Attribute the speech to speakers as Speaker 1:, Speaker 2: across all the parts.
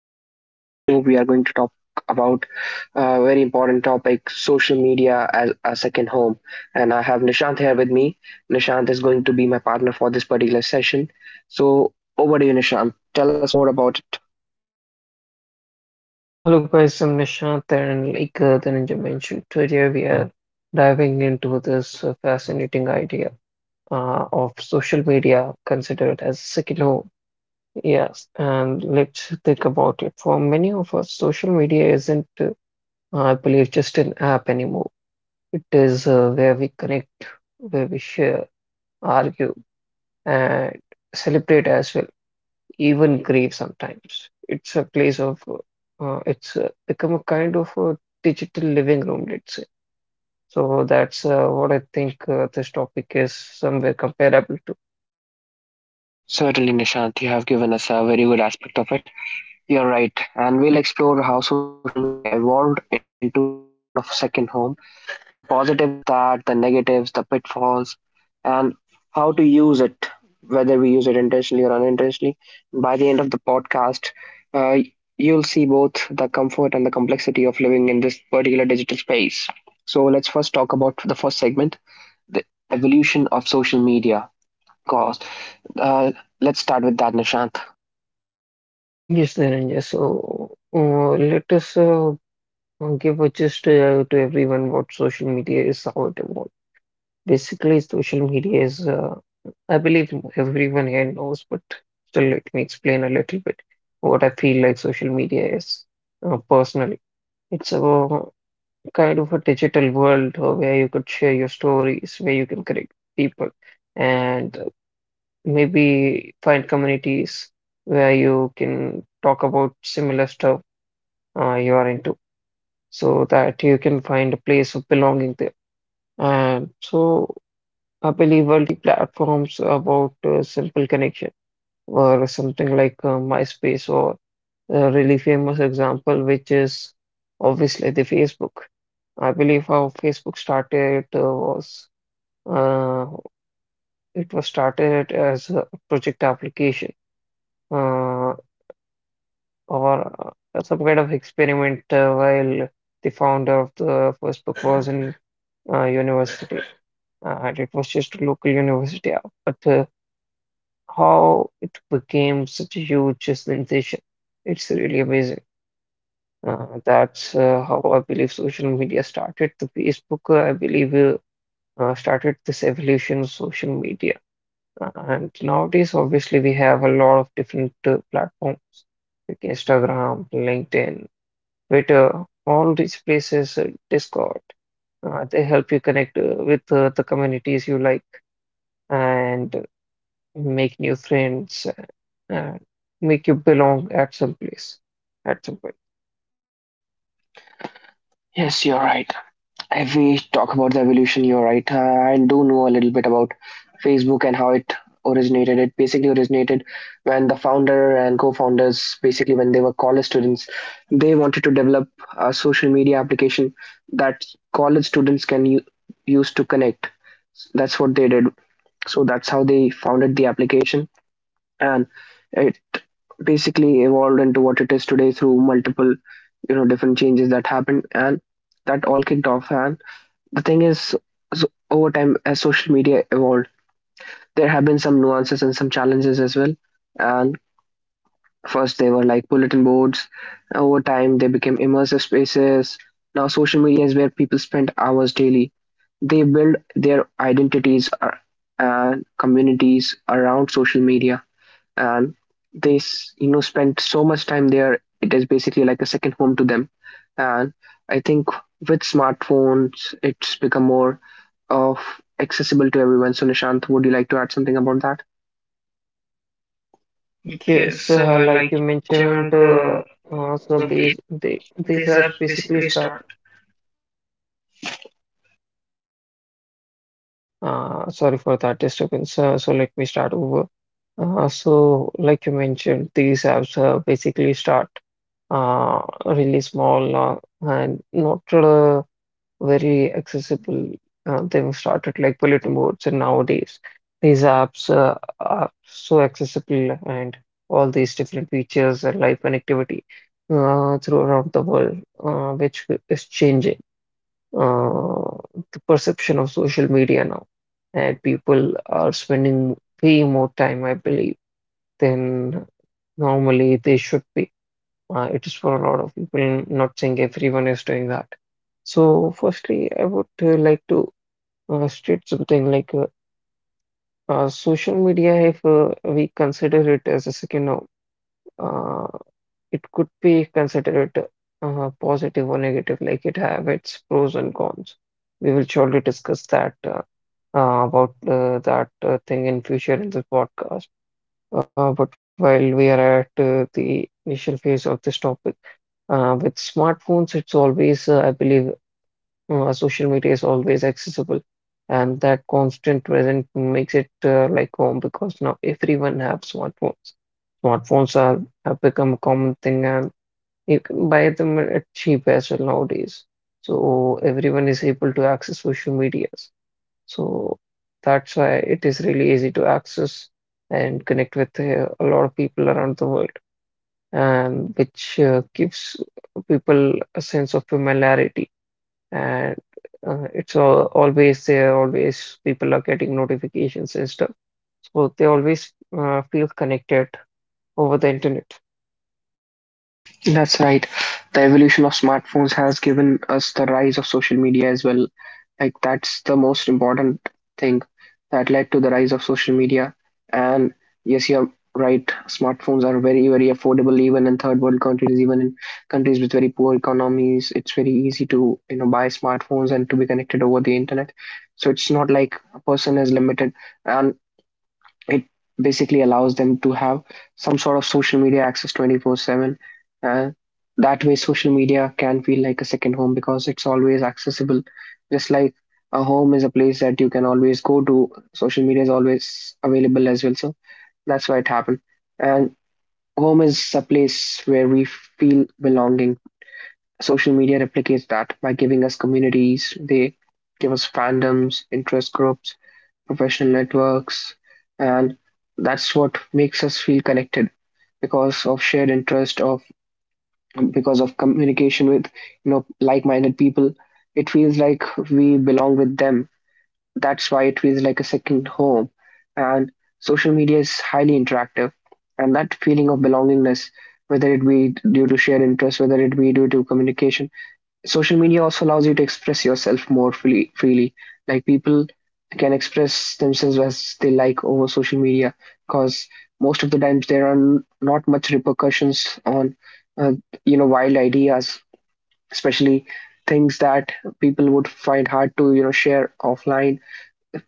Speaker 1: and on today's show, we are going to talk about a very important topic, social media as a second home. And I have Nishant here with me. Nishant is going to be my partner for this particular session. So, over to you, Nishant. Tell us more about it.
Speaker 2: Hello guys, I'm Nishant and like the Ninja mentioned, today we are diving into this fascinating idea of social media considered as second home. Yes, and let's think about it. For many of us, social media isn't, I believe, just an app anymore. It is where we connect, where we share, argue, and celebrate as well, even grave sometimes. It's a place of, it's become a kind of a digital living room, let's say. So that's what I think this topic is somewhere comparable to.
Speaker 1: Certainly, Nishant, you have given us a very good aspect of it. You're right, and we'll explore how social media evolved into this sort of second home, the positives of that, the negatives, the pitfalls, and how to use it, whether we use it intentionally or unintentionally. By the end of the podcast, uh, you'll see both the comfort and the complexity of living in this particular digital space. So, let's first talk about the first segment, the evolution of social media. Cause, uh, let's start with that, Nishant.
Speaker 2: Yes, Dhananjay. So let us give a gist to everyone what social media is, how it evolved. Basically, social media is, I believe everyone here knows, but still let me explain a little bit what I feel like social media is personally. It's a kind of a digital world where you could share your stories, where you can connect people, and maybe find communities where you can talk about similar stuff you are into, so that you can find a place of belonging there. And so I believe multi platforms about simple connection or something like MySpace or a really famous example, which is obviously the Facebook. I believe how Facebook started was uh, it was started as a project application uh, or some kind of experiment while the founder of the Facebook was in university and it was just a local university. But how it became such a huge sensation, it's really amazing. That's how I believe social media started. The Facebook, started this evolution of social media. And nowadays, obviously, we have a lot of different platforms like Instagram, LinkedIn, Twitter, all these places, Discord. They help you connect with the communities you like and make new friends, and make you belong at some place, at some point.
Speaker 1: Yes, you're right. If we talk about the evolution, you're right. I do know a little bit about Facebook and how it originated. It basically originated when the founder and co-founders, basically when they were college students, they wanted to develop a social media application that college students can use to connect. That's what they did. So that's how they founded the application, and it basically evolved into what it is today through multiple, you know, different changes that happened, and that all kicked off. And the thing is, so over time as social media evolved, there have been some nuances and some challenges as well, and first they were like bulletin boards. Over time they became immersive spaces. Now social media is where people spend hours daily. They build their identities and communities around social media, and they you know, spend so much time there, it is basically like a second home to them. And I think with smartphones it's become more of accessible to everyone. So, Nishant, would you like to add something about that?
Speaker 2: Yes, like you mentioned, so these are basically start. Sorry for that disturbance. So let me start over. So like you mentioned, these apps basically start really small, and not very accessible. They've started like bulletin boards, and nowadays these apps are so accessible, and all these different features and live connectivity through around the world, which is changing uh, the perception of social media now. And people are spending way more time, I believe, than normally they should be, it is for a lot of people, not saying everyone is doing that. So, firstly, I would like to state something like social media, if we consider it as a second, uh, it could be considered positive or negative, like it have its pros and cons. We will surely discuss that about that thing in future in this podcast. But while we are at the initial phase of this topic, with smartphones, it's always, I believe, social media is always accessible, and that constant present makes it like home because now everyone have smartphones. Smartphones are have become a common thing, and you can buy them at cheap as well nowadays. So everyone is able to access social medias. So that's why it is really easy to access and connect with a lot of people around the world and which gives people a sense of familiarity. And it's all, always there, always people are getting notifications and stuff. So they always feel connected over the internet.
Speaker 1: That's right. The evolution of smartphones has given us the rise of social media as well. Like, that's the most important thing that led to the rise of social media. And yes, you're right. Smartphones are very, very affordable, even in third world countries, even in countries with very poor economies. It's very easy to, you know, buy smartphones and to be connected over the internet. So it's not like a person is limited. And it basically allows them to have some sort of social media access 24/7, and that way social media can feel like a second home because it's always accessible. Just like a home is a place that you can always go to, social media is always available as well, so that's why it happened. And home is a place where we feel belonging. Social media replicates that by giving us communities. They give us fandoms, interest groups, professional networks, and that's what makes us feel connected because of shared interest, of because of communication with, you know, like-minded people. It feels like we belong with them. That's why it feels like a second home. And social media is highly interactive, and that feeling of belongingness, whether it be due to shared interest, whether it be due to communication, social media also allows you to express yourself more freely freely, like people can express themselves as they like over social media because most of the times there are not much repercussions on uh, you know, wild ideas, especially things that people would find hard to, you know, share offline,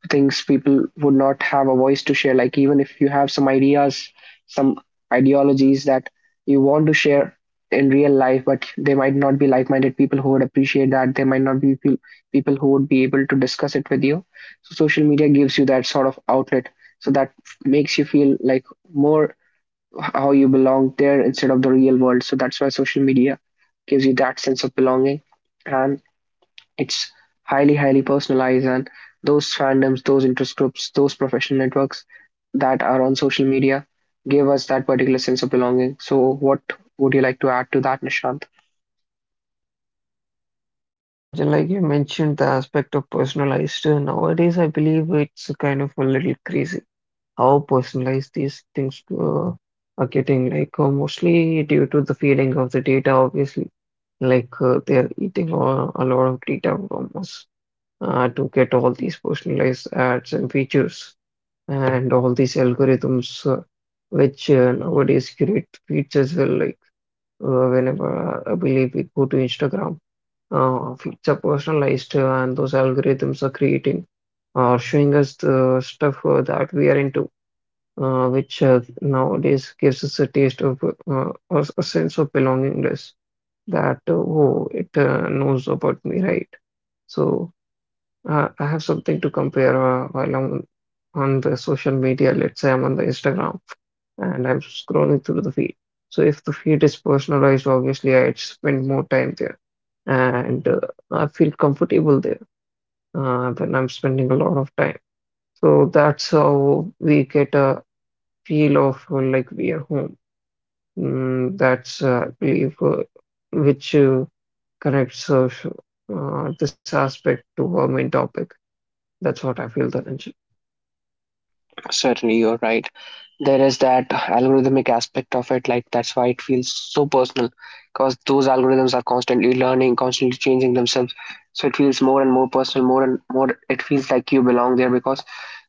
Speaker 1: things people would not have a voice to share, like even if you have some ideas, some ideologies that you want to share in real life, but they might not be like-minded people who would appreciate that. They might not be people who would be able to discuss it with you. So social media gives you that sort of outlet, so that makes you feel like more how you belong there instead of the real world. So that's why social media gives you that sense of belonging. And it's highly, highly personalized, and those fandoms, those interest groups, those professional networks that are on social media give us that particular sense of belonging. So what would you like to add to that, Nishant?
Speaker 2: Just Dhananjay, like you mentioned, the aspect of personalized. Uh, nowadays, I believe it's kind of a little crazy how personalized these things are getting, like mostly due to the feeding of the data, obviously. Like they are eating a lot of data from us, to get all these personalized ads and features and all these algorithms which nowadays create feeds as well, like whenever I believe we go to Instagram, feeds are personalized and those algorithms are creating or showing us the stuff that we are into, which nowadays gives us a taste of or a sense of belongingness that, oh it knows about me, right? So I have something to compare while I'm on the social media. Let's say I'm on the Instagram and I'm scrolling through the feed. So if the feed is personalized, obviously I spend more time there, and I feel comfortable there when I'm spending a lot of time. So that's how we get a feel of like we are home. Mm, that's I believe which connects sh- this aspect to our main topic. That's what I feel, Dhananjay.
Speaker 1: Certainly, you're right. There is that algorithmic aspect of it, like that's why it feels so personal, because those algorithms are constantly learning, constantly changing themselves. So it feels more and more personal, more and more. It feels like you belong there because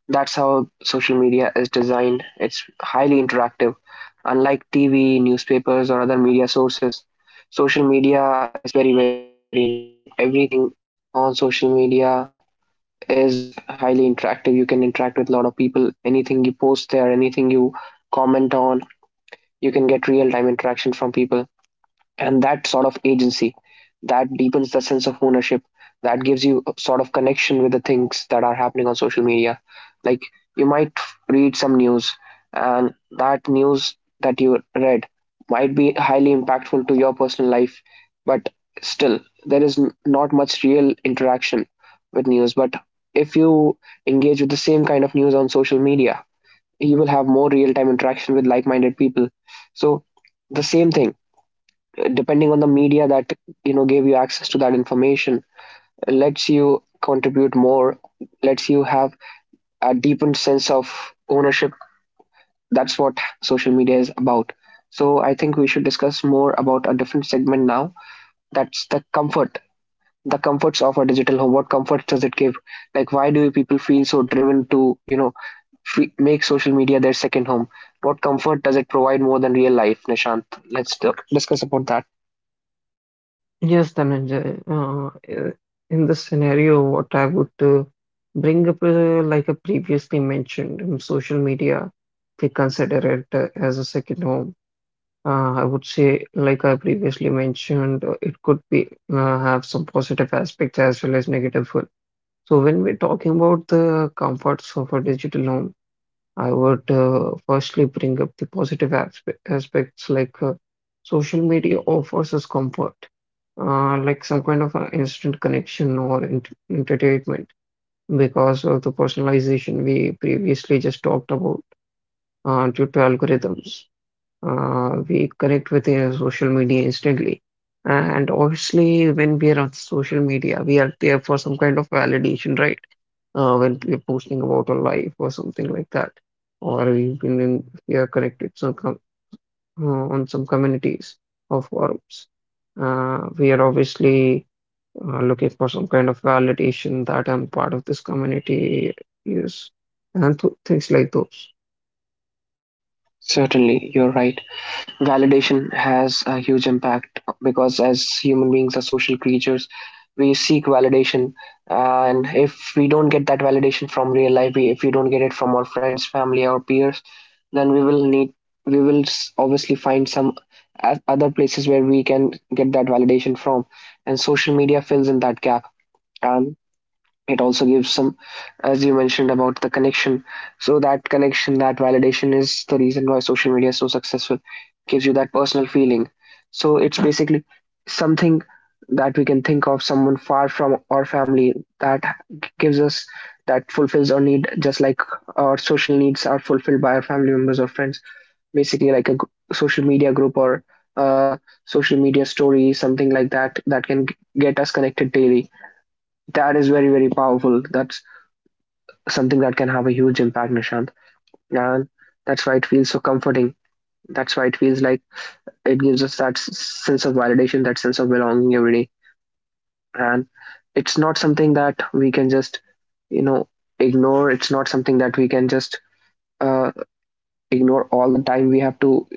Speaker 1: that's how social media is designed. It's highly interactive. Unlike TV, newspapers, or other media sources, social media is very, very interactive. Everything on social media is highly interactive. You can interact with a lot of people. Anything you post there, anything you comment on, you can get real time interaction from people, and that sort of agency, that deepens the sense of ownership, that gives you a sort of connection with the things that are happening on social media. Like, you might read some news and that news that you read might be highly impactful to your personal life, but still there is not much real interaction with news. But if you engage with the same kind of news on social media, you will have more real time interaction with like minded people. So the same thing, depending on the media that, you know, gave you access to that information, lets you contribute more, lets you have a deepened sense of ownership. That's what social media is about. So I think we should discuss more about a different segment now, that's the comfort, the comforts of a digital home. What comfort does it give, like why do people feel so driven to, you know, make social media their second home? What comfort does it provide more than real life, Nishant? Let's discuss about that.
Speaker 2: Yes, Dhananjay. In this scenario, what I would bring up, like I previously mentioned, social media, they consider it as a second home. I would say, like I previously mentioned, it could be have some positive aspects as well as negative one. So when we're talking about the comforts of a digital home, I would firstly bring up the positive aspects like social media offers us comfort, like some kind of instant connection or entertainment because of the personalization we previously just talked about due to algorithms. We connect with social media instantly. And obviously, when we are on social media, we are there for some kind of validation, right? When we are posting about our life or something like that, or even in, we are connected some com uh, on some communities or forums, we are obviously looking for some kind of validation that I'm part of this community, yes, and th things like those.
Speaker 1: Certainly, you're right. Validation has a huge impact because as human beings are social creatures, we seek validation. And if we don't get that validation from real life, we, if we don't get it from our friends, family or peers, then we will need, we will obviously find some other places where we can get that validation from, and social media fills in that gap. And it also gives some, as you mentioned, about the connection. So that connection, that validation is the reason why social media is so successful, gives you that personal feeling. So it's basically something that we can think of someone far from our family that gives us that, fulfills our need, just like our social needs are fulfilled by our family members or friends. Basically like a social media group or uh, social media story, something like that that can get us connected daily, that is very, very powerful, that something that can have a huge impact, Nishant. And that's why it feels so comforting. That's why it feels like it gives us that sense of validation, that sense of belonging every day. And it's not something that we can just, you know, ignore. It's not something that we can just uh, ignore all the time. We have to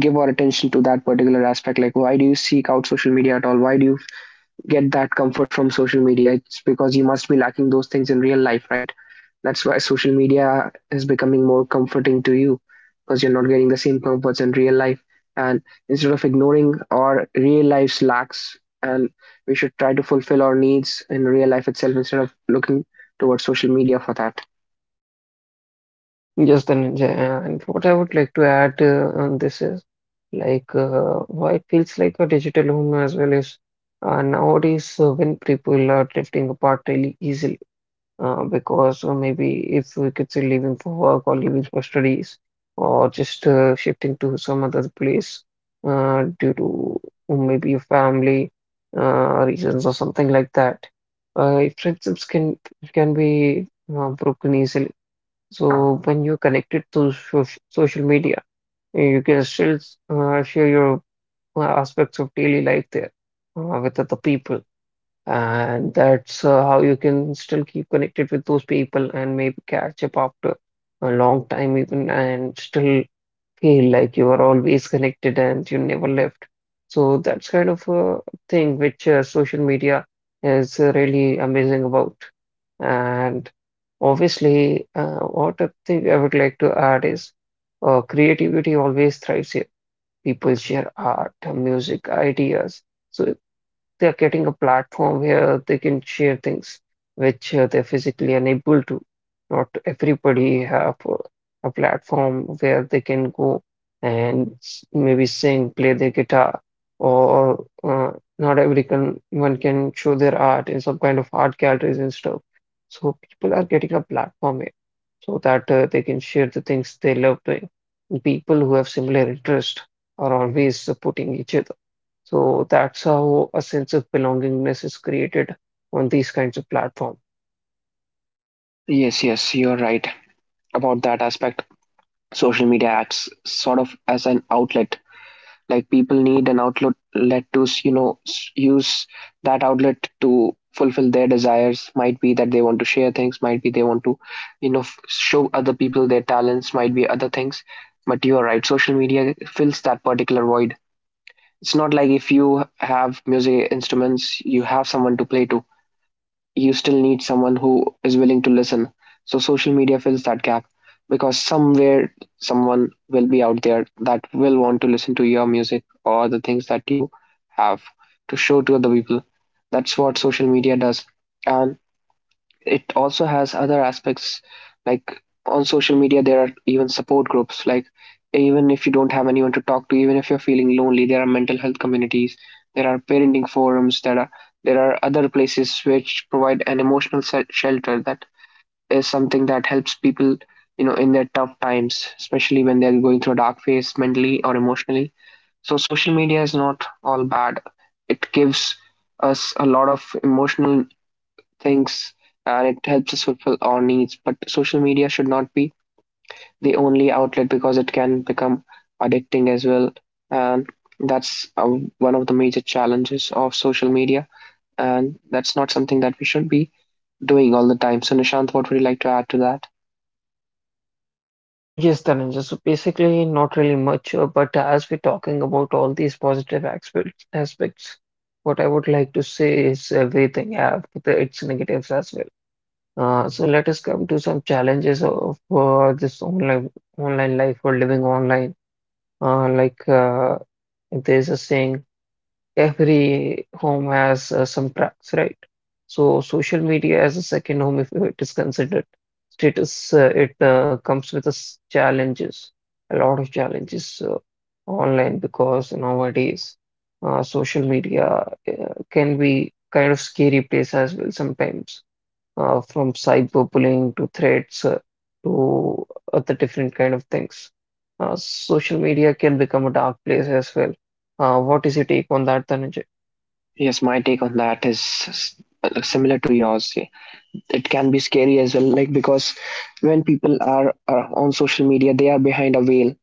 Speaker 1: give our attention to that particular aspect. Like, why do you seek out social media at all? Why do you get that comfort from social media? It's because you must be lacking those things in real life, right? That's why social media is becoming more comforting to you, because you're not getting the same comforts in real life. And instead of ignoring our real life's lacks, and we should try to fulfill our needs in real life itself instead of looking towards social media for that.
Speaker 2: Yes, then, yeah, and what I would like to add on this is, like why it feels like a digital home as well is, nowadays when people are drifting apart really easily, because maybe if we could say leaving for work or leaving for studies or just shifting to some other place due to maybe a family reasons or something like that, friendships can be broken easily. So when you're connected to social media, you can still share your aspects of daily life there with other people. And that's how you can still keep connected with those people and maybe catch up after a long time, even, and still feel like you are always connected and you never left. So that's kind of a thing which social media is really amazing about. And obviously, what a thing I would like to add is creativity always thrives here. People share art, music, ideas. So they are getting a platform where they can share things which they're physically unable to. Not everybody have a platform where they can go and maybe sing, play their guitar, or not every can one can show their art in some kind of art galleries and stuff. So people are getting a platform here so that they can share the things they love doing. People who have similar interest are always supporting each other. So that's how a sense of belongingness is created on these kinds of platform.
Speaker 1: Yes, yes, you're right about that aspect. Social media acts sort of as an outlet. Like people need an outlet let to, you know, use that outlet to fulfill their desires. Might be that they want to share things, might be they want to, you know, show other people their talents, might be other things. But you are right, social media fills that particular void. It's not like if you have music instruments you have someone to play to. You still need someone who is willing to listen. So social media fills that gap because somewhere someone will be out there that will want to listen to your music or the things that you have to show to other people. That's what social media does. And it also has other aspects, like on social media there are even support groups. Like even if you don't have anyone to talk to, even if you're feeling lonely, there are mental health communities, there are parenting forums, there are other places which provide an emotional shelter. That is something that helps people, you know, in their tough times, especially when they're going through a dark phase mentally or emotionally. So social media is not all bad. It gives us a lot of emotional things, and it helps us fulfill our needs. But social media should not be the only outlet because it can become addicting as well. And that's one of the major challenges of social media. And that's not something that we should be doing all the time. So, Nishant, what would you like to add to that?
Speaker 2: Yes, Dhananjay. So basically, not really much, but as we're talking about all these positive aspects, what I would like to say is everything have the, its negatives as well. So let us come to some challenges of this online life or living online. Uh, like uh, there's a saying, every home has some tracks, right? So social media as a second home, if it is considered, status it comes with us challenges, a lot of challenges online, because nowadays social media uh, can be kind of scary place as well sometimes, from cyberbullying to threats to other different kind of things. Social media can become a dark place as well. What is your take on that, Dhananjay?
Speaker 1: Yes, my take on that is s- similar to yours. Yeah. It can be scary as well, like, because when people are on social media, they are behind a veil.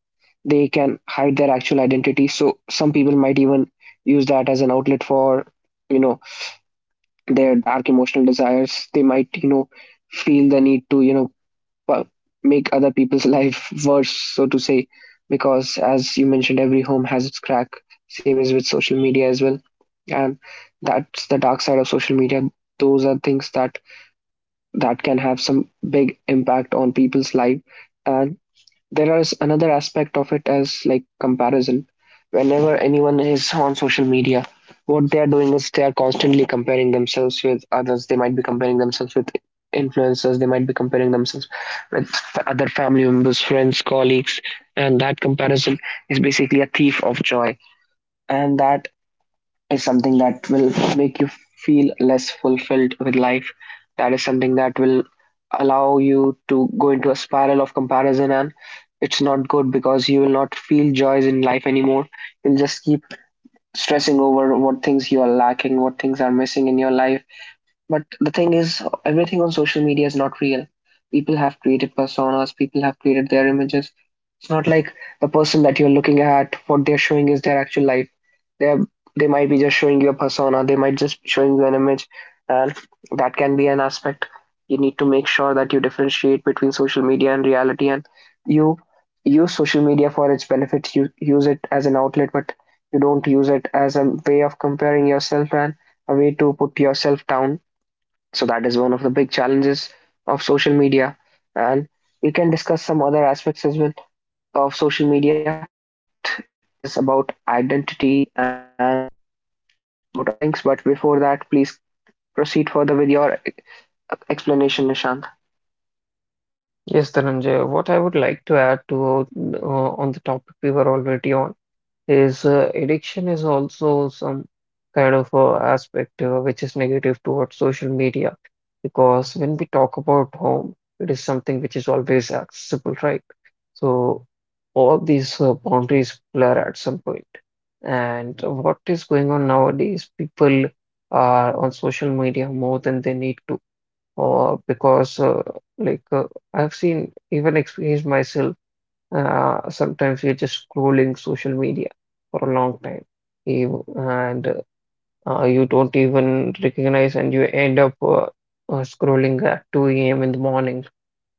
Speaker 1: They can hide their actual identity. So some people might even use that as an outlet for, you know, their dark emotional desires. They might, you know, feel the need to, you know, pu- make other people's life worse, so to say, because as you mentioned, every home has its crack. Same is with social media as well, and that's the dark side of social media. Those are things that can have some big impact on people's life, and there is another aspect of it, as like comparison. Whenever anyone is on social media, what they are doing is they are constantly comparing themselves with others. They might be comparing themselves with influencers, they might be comparing themselves with other family members, friends, colleagues, and that comparison is basically a thief of joy, and that is something that will make you feel less fulfilled with life. That is something that will allow you to go into a spiral of comparison, and it's not good because you will not feel joys in life anymore. You'll just keep stressing over what things you are lacking, what things are missing in your life. But the thing is, everything on social media is not real. People have created personas, people have created their images. It's not like the person that you're looking at, what they're showing is their actual life. They're, they might be just showing you a persona, they might just be showing you an image, and that can be an aspect. You need to make sure that you differentiate between social media and reality, and you use social media for its benefits. You use it as an outlet, but you don't use it as a way of comparing yourself and a way to put yourself down. So that is one of the big challenges of social media. And we can discuss some other aspects as well of social media, that is about identity and about other things. But before that, please proceed further with your explanation, Nishant.
Speaker 2: Yes, Dhananjay, what I would like to add to on the topic we were already on is addiction is also some kind of aspect which is negative towards social media, because when we talk about home, it is something which is always accessible, right? So all these boundaries blur at some point. And what is going on nowadays, people are on social media more than they need to, or because like I've seen even experienced myself, sometimes you're just scrolling social media for a long time. You and you don't even recognize, and you end up scrolling at 2 a.m. in the morning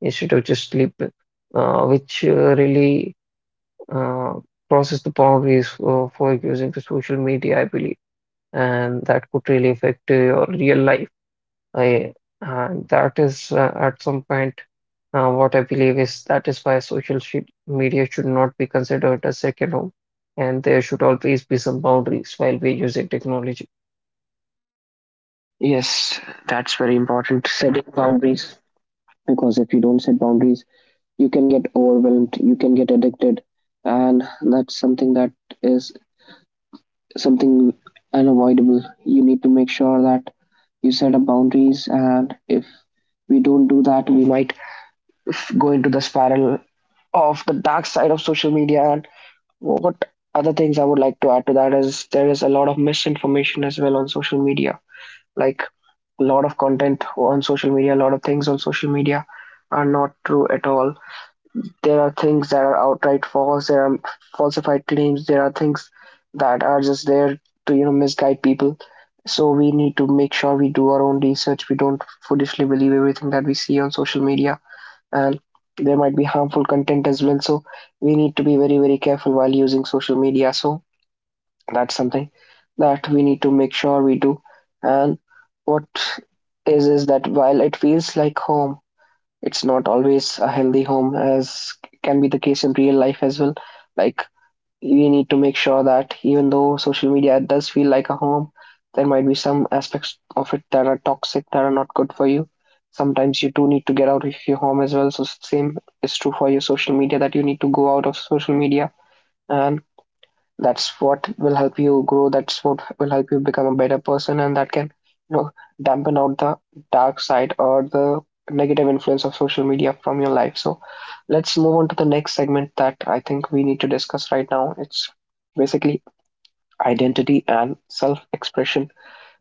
Speaker 2: instead of just sleeping, which really uh, crosses the boundaries for using the social media, I believe, and that could really affect your real life. I That is, at some point, what I believe is that is why social sh media should not be considered a second home, and there should always be some boundaries while we're using technology.
Speaker 1: Yes, that's very important. Setting boundaries. Because if you don't set boundaries, you can get overwhelmed, you can get addicted, and that's something that is something unavoidable. You need to make sure that you set up boundaries, and if we don't do that, we might go into the spiral of the dark side of social media. And what other things I would like to add to that is there is a lot of misinformation as well on social media. Like, a lot of content on social media, a lot of things on social media are not true at all. There are things that are outright false, there are falsified claims, there are things that are just there to, you know, misguide people. So we need to make sure we do our own research. We don't foolishly believe everything that we see on social media, and there might be harmful content as well. So we need to be very, very careful while using social media. So that's something that we need to make sure we do. And what is that while it feels like home, it's not always a healthy home, as can be the case in real life as well. Like, we need to make sure that even though social media does feel like a home, there might be some aspects of it that are toxic, that are not good for you. Sometimes you do need to get out of your home as well. So same is true for your social media, that you need to go out of social media, and that's what will help you grow, that's what will help you become a better person, and that can, you know, dampen out the dark side or the negative influence of social media from your life. So let's move on to the next segment that I think we need to discuss right now. It's basically identity and self expression.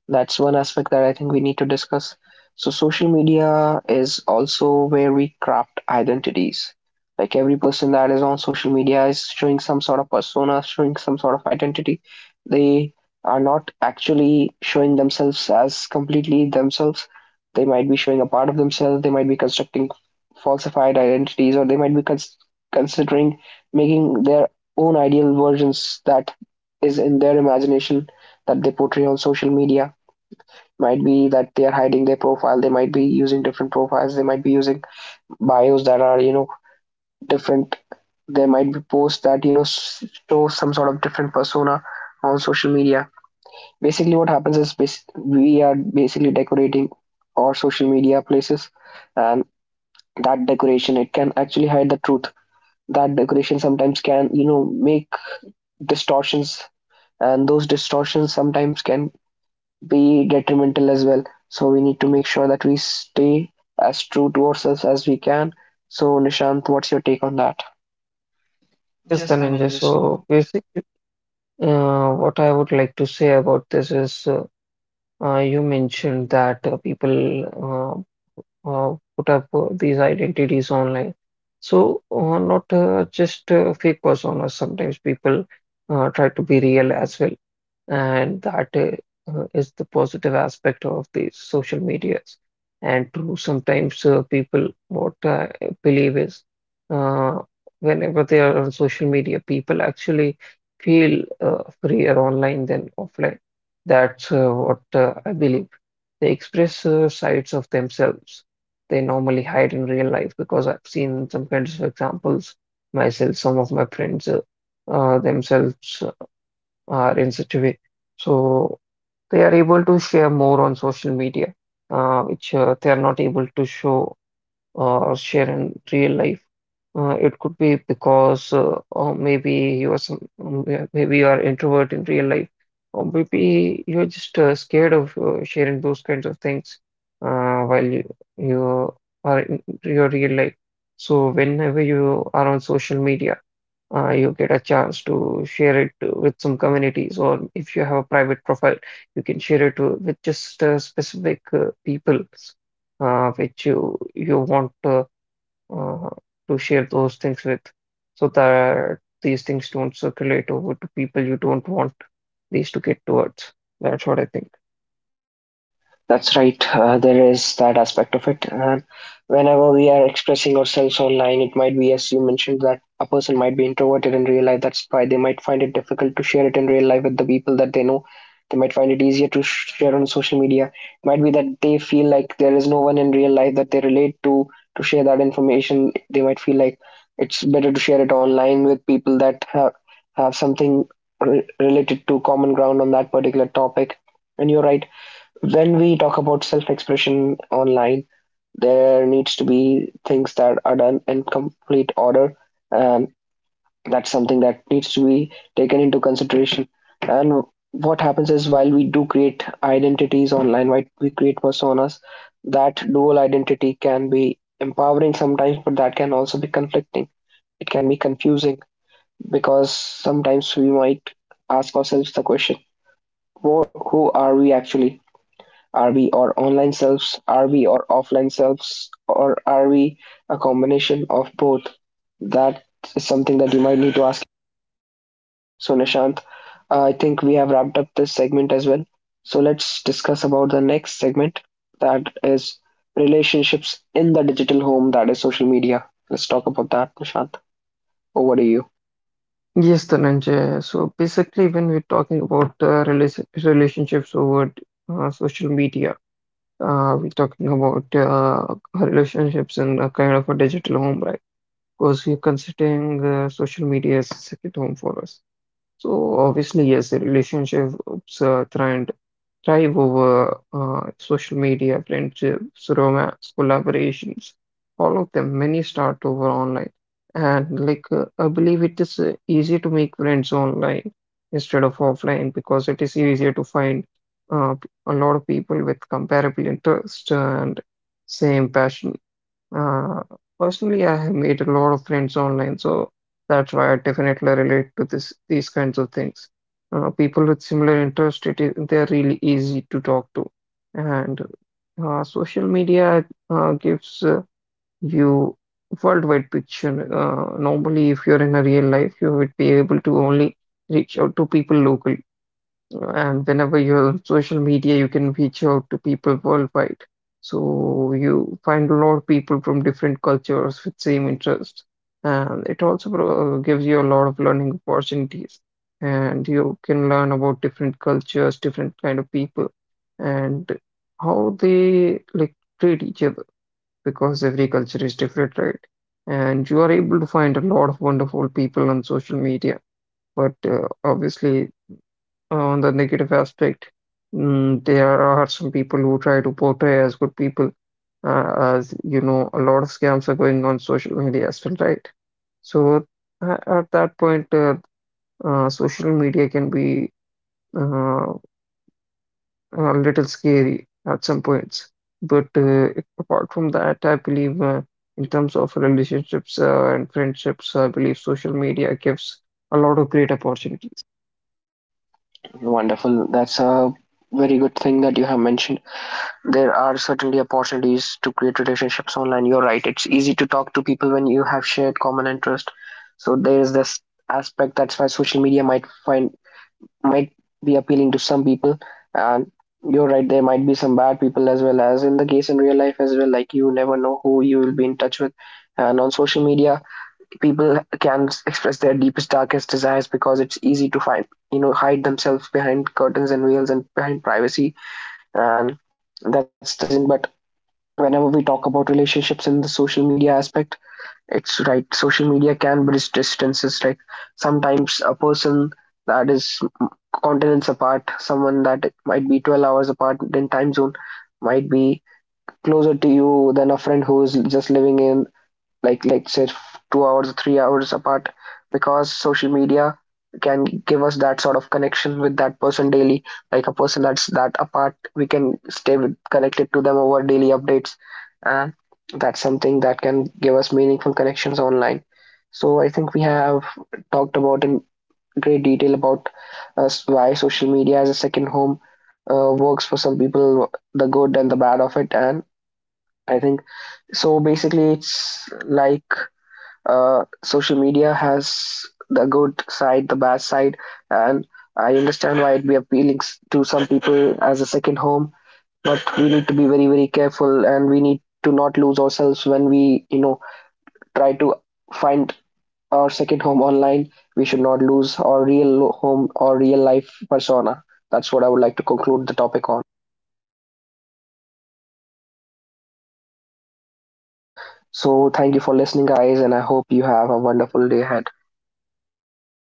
Speaker 1: That's one aspect that I think we need to discuss. So, social media is also where we craft identities. Like every person that is on social media is showing some sort of persona, showing some sort of identity. They are not actually showing themselves as completely themselves. They might be showing a part of themselves, they might be constructing falsified identities, or they might be considering making their own ideal versions that is in their imagination, that they portray on social media. Might be that they are hiding their profile, they might be using different profiles, they might be using bios that are, you know, different, there might be posts that, you know, show some sort of different persona on social media. Basically what happens is we are basically decorating our social media places, and that decoration, it can actually hide the truth. That decoration sometimes can, you know, make distortions, and those distortions sometimes can be detrimental as well. So we need to make sure that we stay as true to ourselves as we can. So Nishant, what's your take on that?
Speaker 2: Yes, Dhananjay. So basically, what I would like to say about this is you mentioned that people put up these identities online. So not just fake personas, sometimes people try to be real as well. And that is the positive aspect of these social medias. And true, sometimes people, what I believe is, uh, whenever they are on social media, people actually feel freer online than offline. That's what I believe. They express sides of themselves they normally hide in real life, because I've seen some kinds of examples myself. Some of my friends themselves are in such a way. So they are able to share more on social media, which they are not able to show or share in real life. It could be because or maybe you are some maybe you are introvert in real life, or maybe you're just scared of sharing those kinds of things while you are in your real life. So whenever you are on social media, you get a chance to share it with some communities, or if you have a private profile, you can share it with just specific people which you want uh, to share those things with, so that these things don't circulate over to people you don't want these to get towards. That's what I think.
Speaker 1: That's right. There is that aspect of it. And whenever we are expressing ourselves online, it might be, as you mentioned, that a person might be introverted in real life. That's why they might find it difficult to share it in real life with the people that they know. They might find it easier to share on social media. It might be that they feel like there is no one in real life that they relate to share that information. They might feel like it's better to share it online with people that have something related to common ground on that particular topic. And you're right, when we talk about self-expression online, there needs to be things that are done in complete order, and that's something that needs to be taken into consideration. And what happens is while we do create identities online, while we create personas, that dual identity can be empowering sometimes, but that can also be conflicting. It can be confusing because sometimes we might ask ourselves the question, who are we actually? Are we our online selves? Are we our offline selves? Or are we a combination of both? That is something that you might need to ask. So, Nishant, I think we have wrapped up this segment as well. So, let's discuss about the next segment, that is relationships in the digital home, that is social media. Let's talk about that, Nishant. Over to you.
Speaker 2: Yes, Dhananjay. So basically, when we're talking about relationships over social media, we're talking about relationships in a kind of a digital home, right? Because we're considering social media as a second home for us. So obviously, yes, the relationships uh, thrive, thrive over social media: friendships, romance, collaborations, all of them. Many start over online, and I believe it is easy to make friends online instead of offline, because it is easier to find a lot of people with comparable interest and same passion. Uh, Personally, I have made a lot of friends online, so that's why I definitely relate to this these kinds of things. People with similar interest, it is they are really easy to talk to, and social media gives you worldwide picture. Normally, if you're in a real life, you would be able to only reach out to people locally, and whenever you're on social media, you can reach out to people worldwide. So you find a lot of people from different cultures with same interest, and it also gives you a lot of learning opportunities. And you can learn about different cultures, different kind of people, and how they like treat each other, because every culture is different, right? And you are able to find a lot of wonderful people on social media, but obviously, on the negative aspect, there are some people who try to portray as good people. As you know, a lot of scams are going on social media as well, right? So at that point, social media can be uh, a little scary at some points. But apart from that, I believe, in terms of relationships and friendships, I believe social media gives a lot of great opportunities.
Speaker 1: Wonderful. That's a very good thing that you have mentioned. There are certainly opportunities to create relationships online. You're right, it's easy to talk to people when you have shared common interest. So there is this aspect that's why social media might find might be appealing to some people. And you're right, there might be some bad people as well, as in the case in real life as well. Like, you never know who you will be in touch with, and on social media people can express their deepest darkest desires because it's easy to find, you know, hide themselves behind curtains and veils and behind privacy, and that's the reason. But whenever we talk about relationships in the social media aspect, it's right. Social media can bridge distances. Like, sometimes a person that is continents apart, someone that might be 12 hours apart in time zone, might be closer to you than a friend who is just living in like, say, 2 hours 3 hours apart, because social media can give us that sort of connection with that person daily. Like a person that's that apart, we can stay with, connected to them over daily updates, and that's something that can give us meaningful connections online. So I think we have talked about in great detail about why social media as a second home works for some people, the good and the bad of it. And I think, so basically it's like, social media has the good side, the bad side, and I understand why it be appealing to some people as a second home. But we need to be very, very careful, and we need to not lose ourselves when we, you know, try to find our second home online. We should not lose our real home or real life persona. That's what I would like to conclude the topic on. So, thank you for listening, guys, and I hope you have a wonderful day ahead.